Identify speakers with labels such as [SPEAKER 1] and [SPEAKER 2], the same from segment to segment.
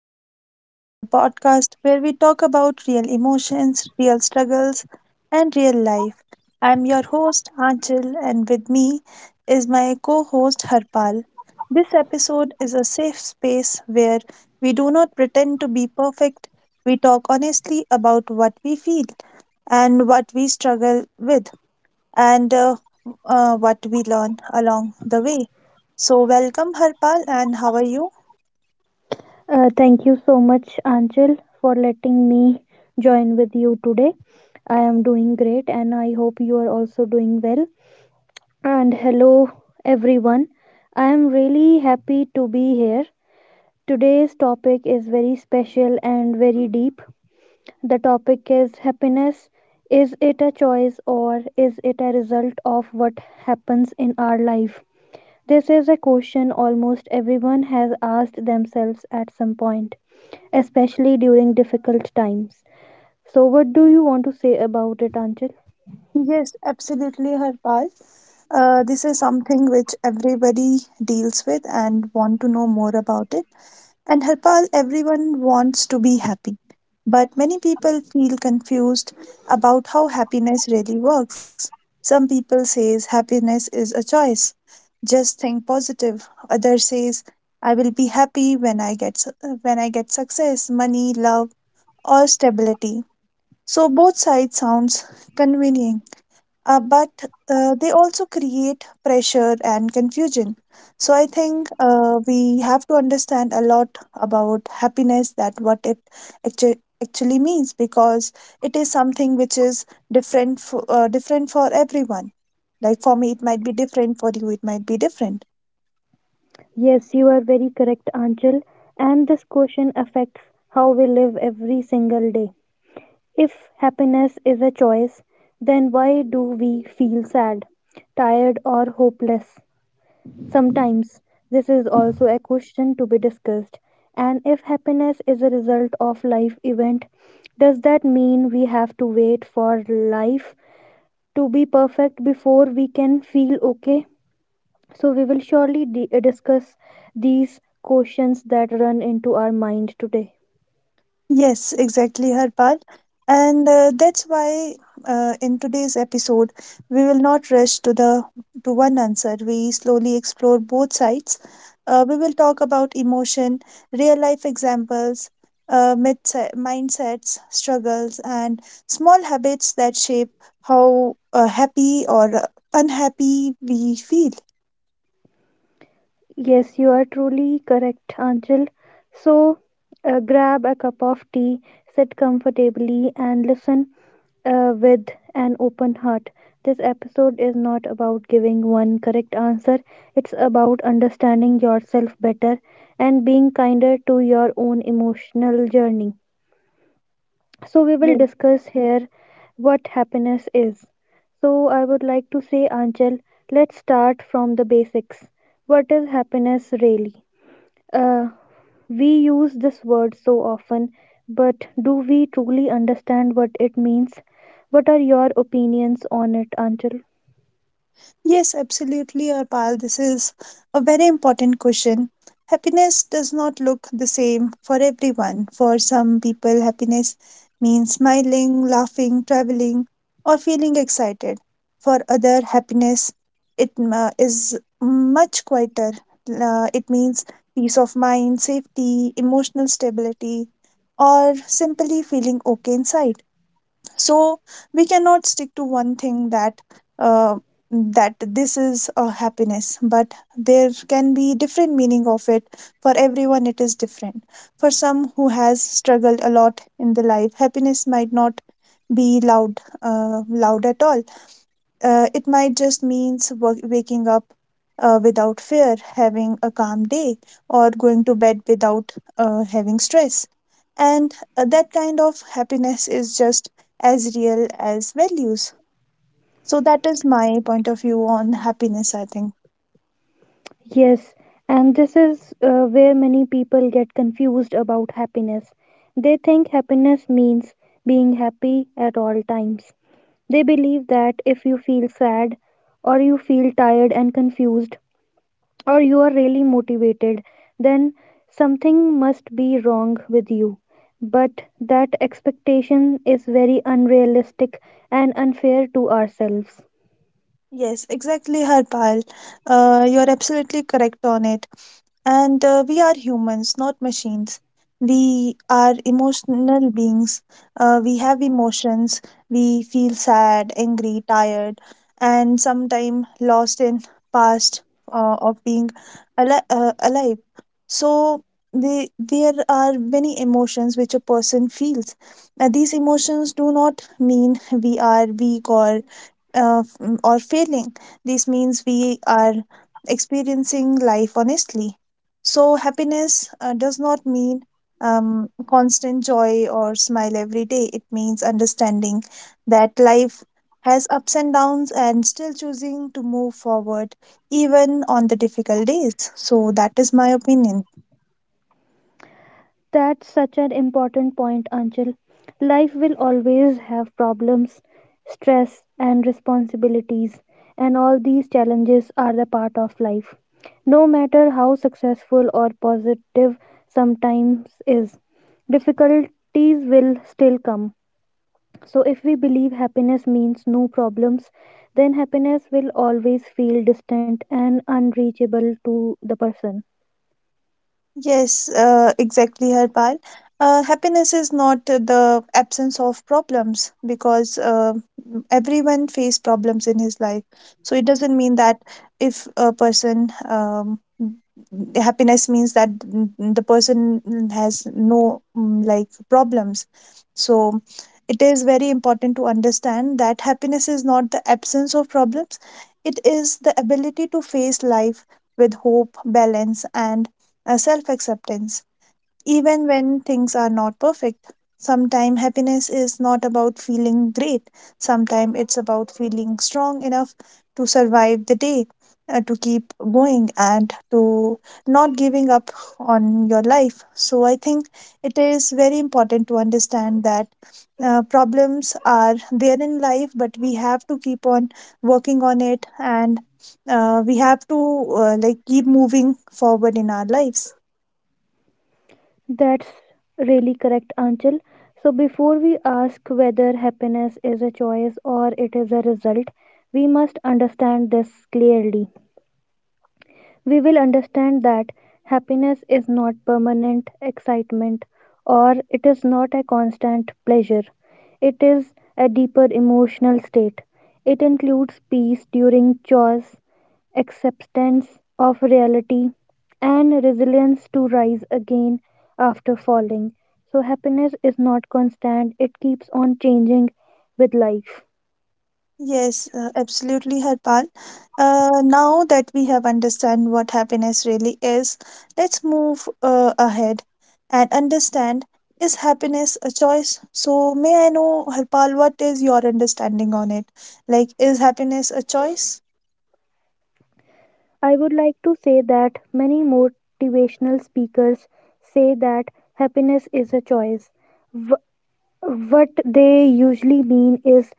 [SPEAKER 1] Inside Out, the podcast where we talk about real emotions, real struggles, and real life. I'm your host, Anchal, and with me is my co host, Harpal. This episode is a safe space where we do not pretend to be perfect. We talk honestly about what we feel and what we struggle with and what we learn along the way. So, welcome, Harpal, and how are you?
[SPEAKER 2] Thank you so much, Anchal, for letting me join with you today. I am doing great and I hope you are also doing well. And hello, everyone. I am really happy to be here. Today's topic is very special and very deep. The topic is happiness. Is it a choice or is it a result of what happens in our life? This is a question almost everyone has asked themselves at some point, especially during difficult times. So, what do you want to say about it, Anchal?
[SPEAKER 1] Yes, absolutely, Harpal. This is something which everybody deals with and want to know more about it. And Harpal, everyone wants to be happy, but many people feel confused about how happiness really works. Some people says happiness is a choice, just think positive. Others says I will be happy when when I get success, money, love, or stability. So both sides sounds convenient but they also create pressure and confusion. So I think we have to understand a lot about happiness that what it actu- actually means because it is something which is different for, different for everyone. Like for me, it might be different. For you, it might be different.
[SPEAKER 2] Yes, you are very correct, Anchal. And this question affects how we live every single day. If happiness is a choice, then why do we feel sad, tired, or hopeless? Sometimes this is also a question to be discussed. And if happiness is a result of life event, does that mean we have to wait for life to be perfect before we can feel okay? So, we will surely discuss these questions that run into our mind today.
[SPEAKER 1] Yes, exactly, Harpal. And that's why in today's episode, we will not rush to the to one answer. We slowly explore both sides. We will talk about emotion, real life examples, myths, mindsets, struggles, and small habits that shape how happy or unhappy we feel.
[SPEAKER 2] Yes, you are truly correct, Anjal. So, grab a cup of tea, sit comfortably, and listen with an open heart. This episode is not about giving one correct answer, it's about understanding yourself better and being kinder to your own emotional journey. So, we will discuss here what happiness is. So, I would like to say, Anchal, let's start from the basics. What is happiness really? Uh, we use this word so often, but do we truly understand what it means? What are your opinions on it, Anchal?
[SPEAKER 1] Yes, absolutely, Arpal. This is a very important question. Happiness does not look the same for everyone. For some people, happiness means smiling, laughing, traveling, or feeling excited. For other, happiness it is much quieter. It means peace of mind, safety, emotional stability, or simply feeling okay inside. So we cannot stick to one thing that uh, this is a happiness, but there can be different meaning of it. For everyone it is different. For some who has struggled a lot in the life, happiness might not be loud, loud at all. It might just means waking up without fear, having a calm day, or going to bed without having stress. And that kind of happiness is just as real as values. So, that is my point of view on happiness, I think.
[SPEAKER 2] Yes, and this is where many people get confused about happiness. They think happiness means being happy at all times. They believe that if you feel sad or you feel tired and confused or you are really motivated, then something must be wrong with you. But that expectation is very unrealistic and unfair to ourselves.
[SPEAKER 1] Yes, exactly, Harpal. You're absolutely correct on it. And we are humans, not machines. We are emotional beings. We have emotions. We feel sad, angry, tired, and sometimes lost in past of being alive. So there are many emotions which a person feels. These emotions do not mean we are weak or or failing. This means we are experiencing life honestly. So, happiness does not mean constant joy or smile every day. It means understanding that life has ups and downs and still choosing to move forward even on the difficult days. So, that is my opinion.
[SPEAKER 2] That's such an important point, Anchal. Life will always have problems, stress, and responsibilities, and all these challenges are the part of life. No matter how successful or positive sometimes is, difficulties will still come. So, if we believe happiness means no problems, then happiness will always feel distant and unreachable to the person.
[SPEAKER 1] Yes, exactly, Harpal. Happiness is not the absence of problems, because everyone face problems in his life. So it doesn't mean that if a person happiness means that the person has no like problems. So it is very important to understand that happiness is not the absence of problems. It is the ability to face life with hope, balance, and self acceptance. Even when things are not perfect, sometimes happiness is not about feeling great, sometimes it's about feeling strong enough to survive the day, to keep going, and to not giving up on your life. So, I think it is very important to understand that problems are there in life, but we have to keep on working on it, and we have to like keep moving forward in our lives.
[SPEAKER 2] That's really correct, Anchal. So, before we ask whether happiness is a choice or it is a result, we must understand this clearly. We will understand that happiness is not permanent excitement or it is not a constant pleasure. It is a deeper emotional state. It includes peace during chores, acceptance of reality, and resilience to rise again after falling. So, happiness is not constant, it keeps on changing with life.
[SPEAKER 1] Yes, absolutely, Harpal. Now that we have understand what happiness really is, let's move ahead and understand, is happiness a choice? So, may I know, Harpal, what is your understanding on it? Like, is happiness a choice?
[SPEAKER 2] I would like to say that many motivational speakers say that happiness is a choice. Wh- what they usually mean is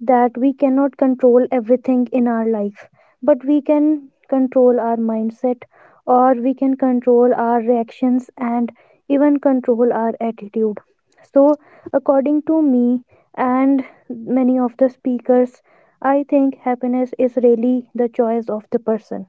[SPEAKER 2] that we cannot control everything in our life, but we can control our mindset, or we can control our reactions, and even control our attitude. So, according to me and many of the speakers, I think happiness is really the choice of the person.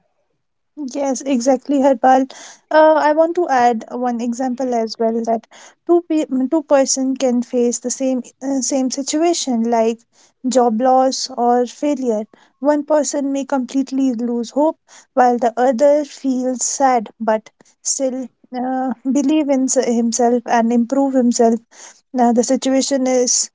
[SPEAKER 1] Yes, exactly, Harpal. I want to add one example as well, that two pe- two-person can face the same same situation like job loss or failure. One person may completely lose hope, while the other feels sad but still believe in himself and improve himself. Now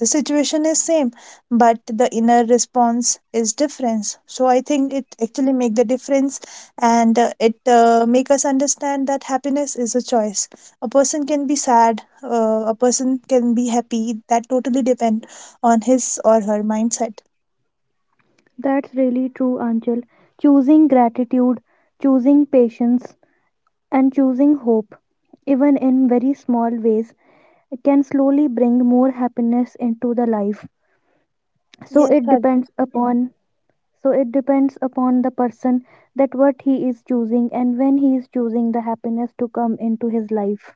[SPEAKER 1] the situation is same, but the inner response is difference. So I think it actually make the difference, and it make us understand that happiness is a choice. A person can be sad, a person can be happy. That totally depend on his or her mindset.
[SPEAKER 2] That's really true, Anchal. Choosing gratitude, choosing patience, and choosing hope, even in very small ways, can slowly bring more happiness into the life. So
[SPEAKER 1] Yes,
[SPEAKER 2] it depends upon so it depends upon the person, that what he is choosing and when he is choosing the happiness to come into his life.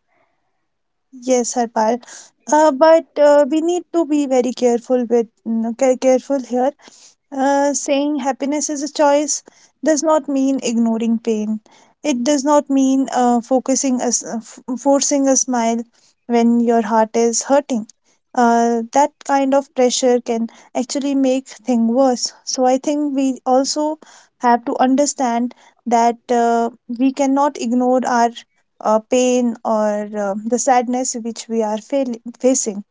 [SPEAKER 1] yes, Harpal. But we need to be very careful with careful here. Saying happiness is a choice does not mean ignoring pain. It does not mean forcing a smile when your heart is hurting. That kind of pressure can actually make things worse. So I think we also have to understand that we cannot ignore our pain or the sadness which we are facing.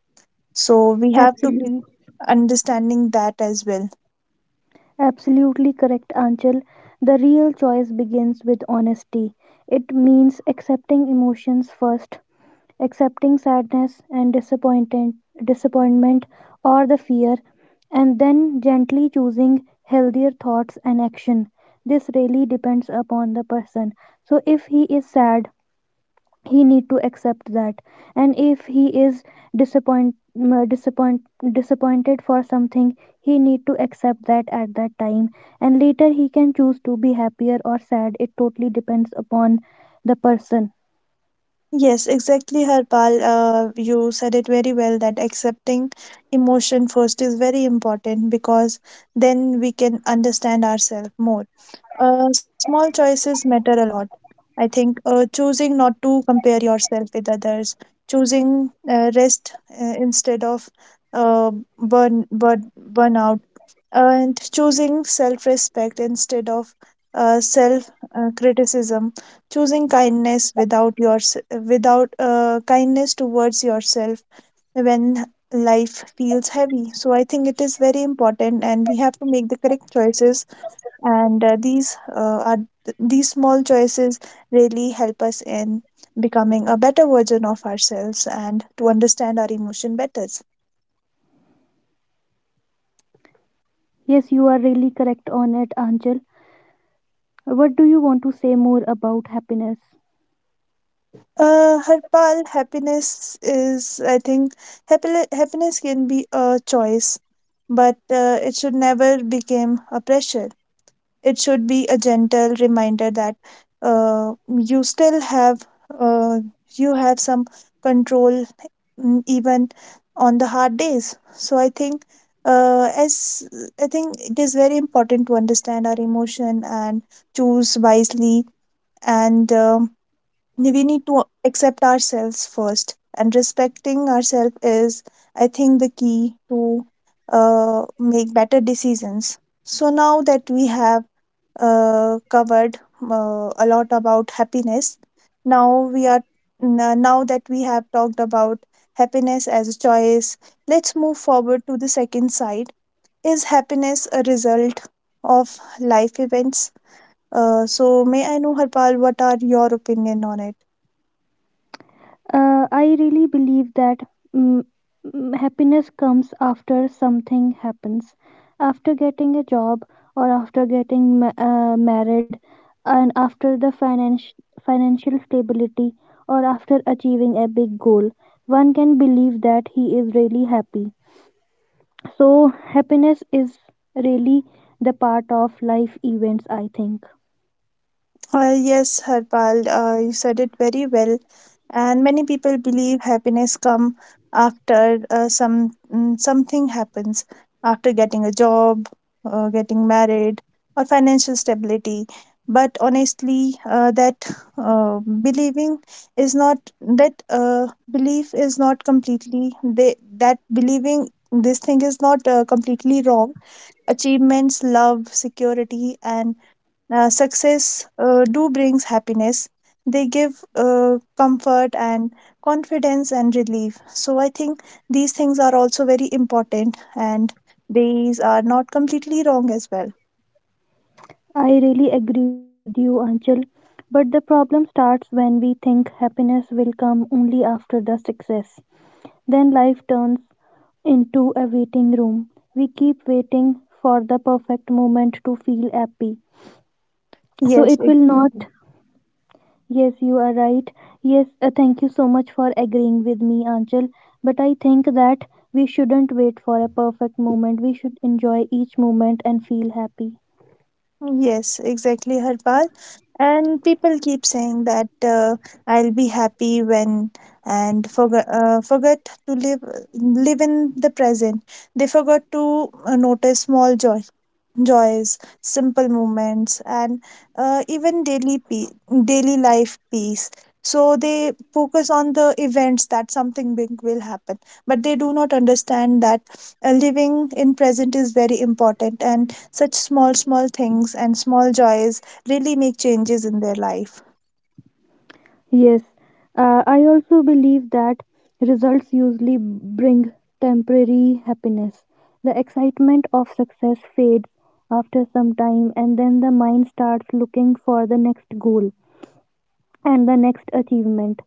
[SPEAKER 1] So we have to be
[SPEAKER 2] Absolutely
[SPEAKER 1] understanding that as well.
[SPEAKER 2] absolutely correct, Anchal. The real choice begins with honesty. It means accepting emotions first, accepting sadness and disappointment or the fear, and then gently choosing healthier thoughts and action. This really depends upon the person. So if he is sad, he need to accept that, and if he is disappoint, m- disappoint disappointed for something, he need to accept that at that time, and later he can choose to be happier or sad. It totally depends upon the person.
[SPEAKER 1] Yes, exactly, Harpal. You said it very well, that accepting emotion first is very important, because then we can understand ourselves more. Small choices matter a lot. I think choosing not to compare yourself with others, choosing rest instead of uh, burnout, and choosing self respect instead of self criticism, choosing kindness without your without kindness towards yourself when life feels heavy. So I think it is very important, and we have to make the correct choices, and these small choices really help us in becoming a better version of ourselves and to understand our emotion better.
[SPEAKER 2] Yes, you are really correct on it, Anjal. What do you want to say more about happiness?
[SPEAKER 1] Harpal, happiness is, I think, happiness can be a choice, but it should never become a pressure. It should be a gentle reminder that uh, you still have uh, you have some control, even on the hard days. So I think as I think it is very important to understand our emotion and choose wisely. And. We need to accept ourselves first, and respecting ourselves is, I think, the key to make better decisions. So now that we have covered a lot about happiness, now we are, now that we have talked about happiness as a choice, let's move forward to the second side. Is happiness a result of life events? So may I know, Harpal, what are your opinion on it?
[SPEAKER 2] I really believe that mm, happiness comes after something happens, after getting a job or after getting married, and after the finance financial stability or after achieving a big goal. One can believe that he is really happy. So happiness is really the part of life events, I think.
[SPEAKER 1] Yes, Harpal, you said it very well. And many people believe happiness come after something happens, after getting a job, getting married, or financial stability. But honestly, that believing is not that belief is not completely, they, that believing this thing is not completely wrong. Achievements, love, security, and success do brings happiness. They give comfort and confidence and relief. So I think these things are also very important, and these are not completely wrong as well.
[SPEAKER 2] I really agree with you, Anchal. But the problem starts when we think happiness will come only after the success. Then life turns into a waiting room. We keep waiting for the perfect moment to feel happy. So
[SPEAKER 1] Yes,
[SPEAKER 2] it will not.
[SPEAKER 1] exactly.
[SPEAKER 2] Yes, you are right. Yes, thank you so much for agreeing with me, Anchal. But I think that we shouldn't wait for a perfect moment. We should enjoy each moment and feel happy.
[SPEAKER 1] Yes, exactly, Harpal. And people keep saying that I'll be happy when, and forget, to live, live in the present. They forgot to notice small joys, simple moments, and even daily life peace. So they focus on the events, that something big will happen, but they do not understand that living in present is very important, and such small small things and small joys really make changes in their life.
[SPEAKER 2] Yes, I also believe that results usually bring temporary happiness. The excitement of success fades after some time, and then the mind starts looking for the next goal and the next achievement.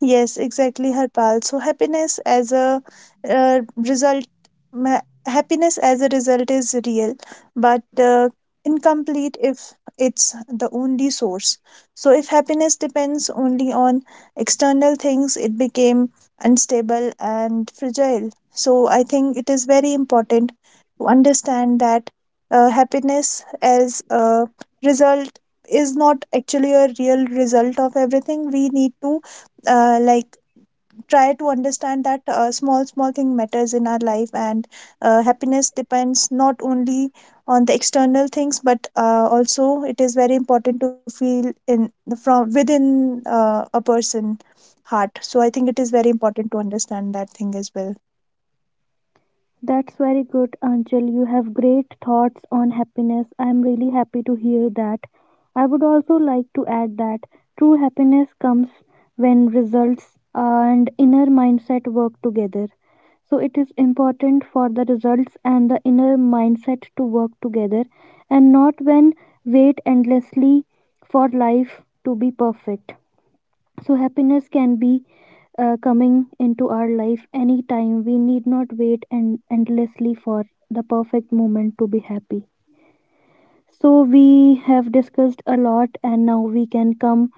[SPEAKER 1] Yes, exactly, Harpal. So happiness as a uh, result, ma- happiness as a result is real, but incomplete if it's the only source. So if happiness depends only on external things, it became unstable and fragile. So I think it is very important to understand that happiness as a result is not actually a real result of everything. We need to like try to understand that small small thing matters in our life, and happiness depends not only on the external things, but also it is very important to feel in from within a person heart. So I think it is very important to understand that thing as well.
[SPEAKER 2] That's very good, Anchal. You have great thoughts on happiness. I'm really happy to hear that. I would also like to add that true happiness comes when results and inner mindset work together. So it is important for the results and the inner mindset to work together and not when wait endlessly for life to be perfect. So, happiness can be coming into our life anytime. We need not wait and endlessly for the perfect moment to be happy. So, we have discussed a lot, and now we can come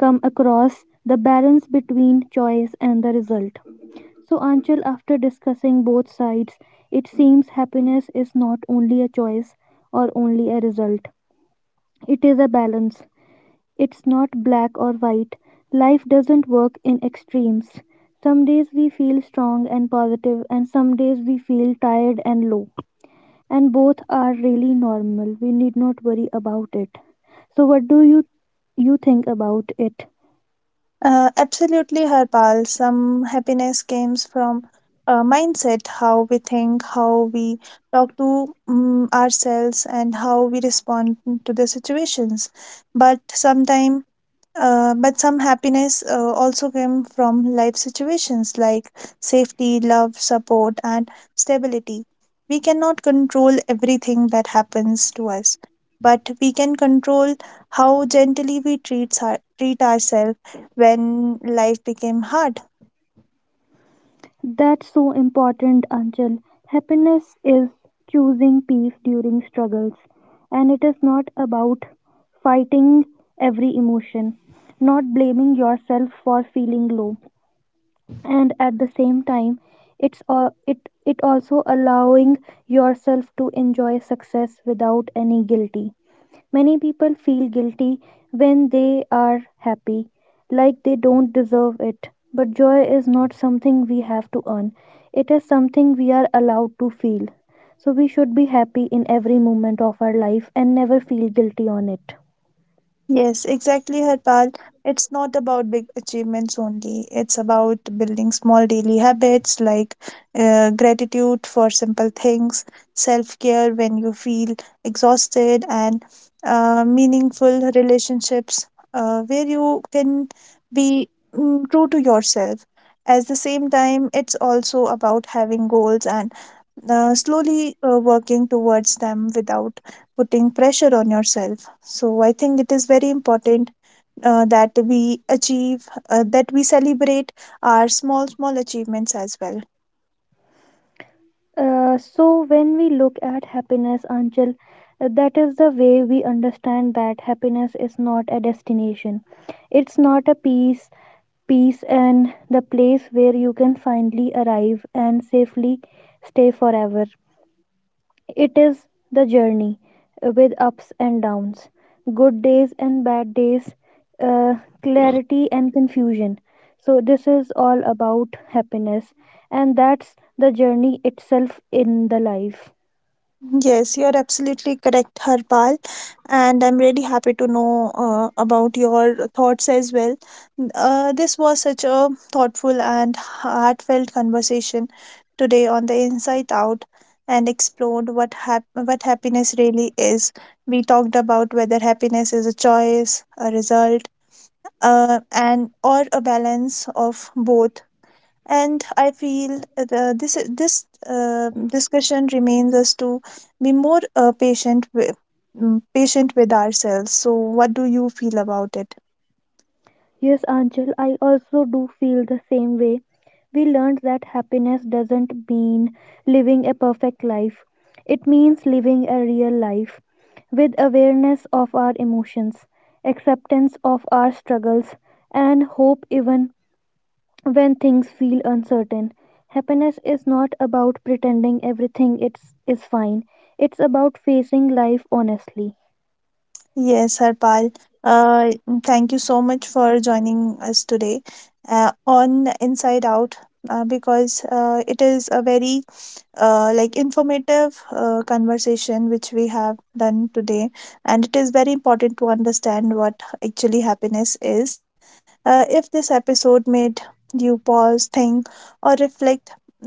[SPEAKER 2] come across the balance between choice and the result. So, Anchal, after discussing both sides, it seems happiness is not only a choice or only a result, it is a balance. It's not black or white. Life doesn't work in extremes. Some days we feel strong and positive, and some days we feel tired and low. And both are really normal. We need not worry about it. So, what do you think about it?
[SPEAKER 1] Absolutely, Harpal. Some happiness comes from mindset, how we think, how we talk to ourselves, and how we respond to the situations. But sometimes, but some happiness also came from life situations like safety, love, support, and stability. We cannot control everything that happens to us, but we can control how gently we treat, treat ourselves when life became hard.
[SPEAKER 2] That's so important, Anchal. Happiness is choosing peace during struggles, and it is not about fighting every emotion, not blaming yourself for feeling low, and at the same time it also allowing yourself to enjoy success without any guilty. Many people feel guilty when they are happy, like they don't deserve it, but joy is not something we have to earn, it is something we are allowed to feel. So we should be happy in every moment of our life and never feel guilty on it.
[SPEAKER 1] Yes, exactly, Harpal. It's not about big achievements only. It's about building small daily habits like gratitude for simple things, self care when you feel exhausted, and meaningful relationships where you can be true to yourself. At the same time, it's also about having goals and slowly working towards them without putting pressure on yourself. So I think it is very important that we celebrate our small, small achievements as well.
[SPEAKER 2] So when we look at happiness, Anchal, that is the way we understand that happiness is not a destination. It's not a peace and the place where you can finally arrive and safely stay forever. It is the journey with ups and downs, good days and bad days, uh, clarity and confusion. So, this is all about happiness, and that's the journey itself in the life.
[SPEAKER 1] Yes, you're absolutely correct, Harpal. And I'm really happy to know about your thoughts as well. This was such a thoughtful and heartfelt conversation today on the Inside Out, and explored what happiness really is. We talked about whether happiness is a choice, a result, and or a balance of both, and I feel the, this discussion remains us to be more patient with ourselves. So, what do you feel about it?
[SPEAKER 2] Yes, Angel, I also do feel the same way. We learned that happiness doesn't mean living a perfect life, it means living a real life with awareness of our emotions, acceptance of our struggles, and hope even when things feel uncertain. Happiness is not about pretending is fine, it's about facing life honestly.
[SPEAKER 1] Yes, Harpal. Uh, Thank you so much for joining us today on Inside Out, because it is a very like informative conversation which we have done today, and it is very important to understand what actually happiness is. If this episode made you pause, think, or reflect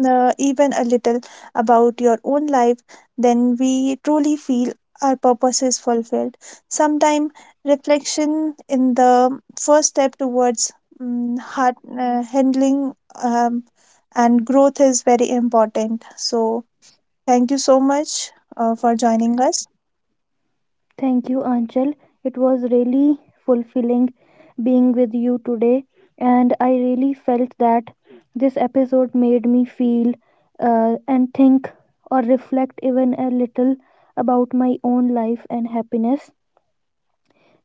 [SPEAKER 1] even a little about your own life, then we truly feel our purpose is fulfilled. Sometimes reflection in the first step towards heart handling um, and growth is very important. So thank you so much for joining us.
[SPEAKER 2] Thank you, Anchal. It was really fulfilling being with you today, and I really felt that this episode made me feel and think or reflect even a little about my own life and happiness.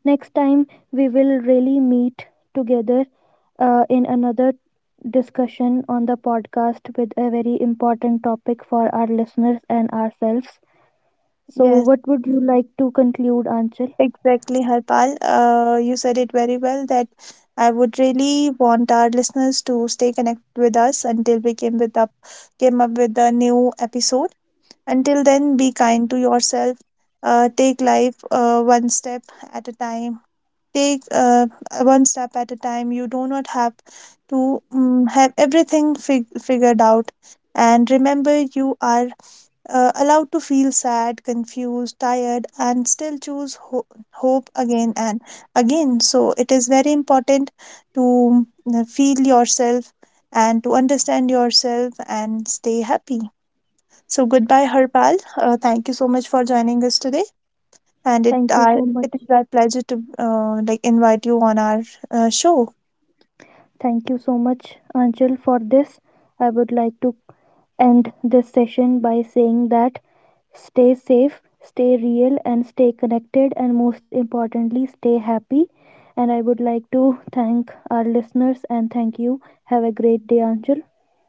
[SPEAKER 2] Next time, we will really meet together in another discussion on the podcast with a very important topic for our listeners and ourselves. So,
[SPEAKER 1] Yes,
[SPEAKER 2] what would you like to conclude, Anchal?
[SPEAKER 1] exactly, Harpal. You said it very well. That I would really want our listeners to stay connected with us until we came with up came up with a new episode. Until then, be kind to yourself. Take life one step at a time. Take one step at a time. You do not have to have everything figured out. And remember, you are allowed to feel sad, confused, tired, and still choose hope again and again. So, it is very important to feel yourself and to understand yourself and stay happy. So, goodbye, Harpal. Thank you so much for joining us today. And
[SPEAKER 2] Thank you so much.
[SPEAKER 1] it is our pleasure to like invite you on our show.
[SPEAKER 2] Thank you so much, Anjal, for this. I would like to end this session by saying that stay safe, stay real, and stay connected, and most importantly, stay happy. And I would like to thank our listeners and thank you. Have a great day, Anjal.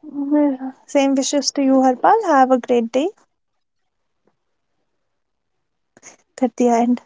[SPEAKER 1] Mhm. Same wishes to you, Harpal. Have a great day. Kartia and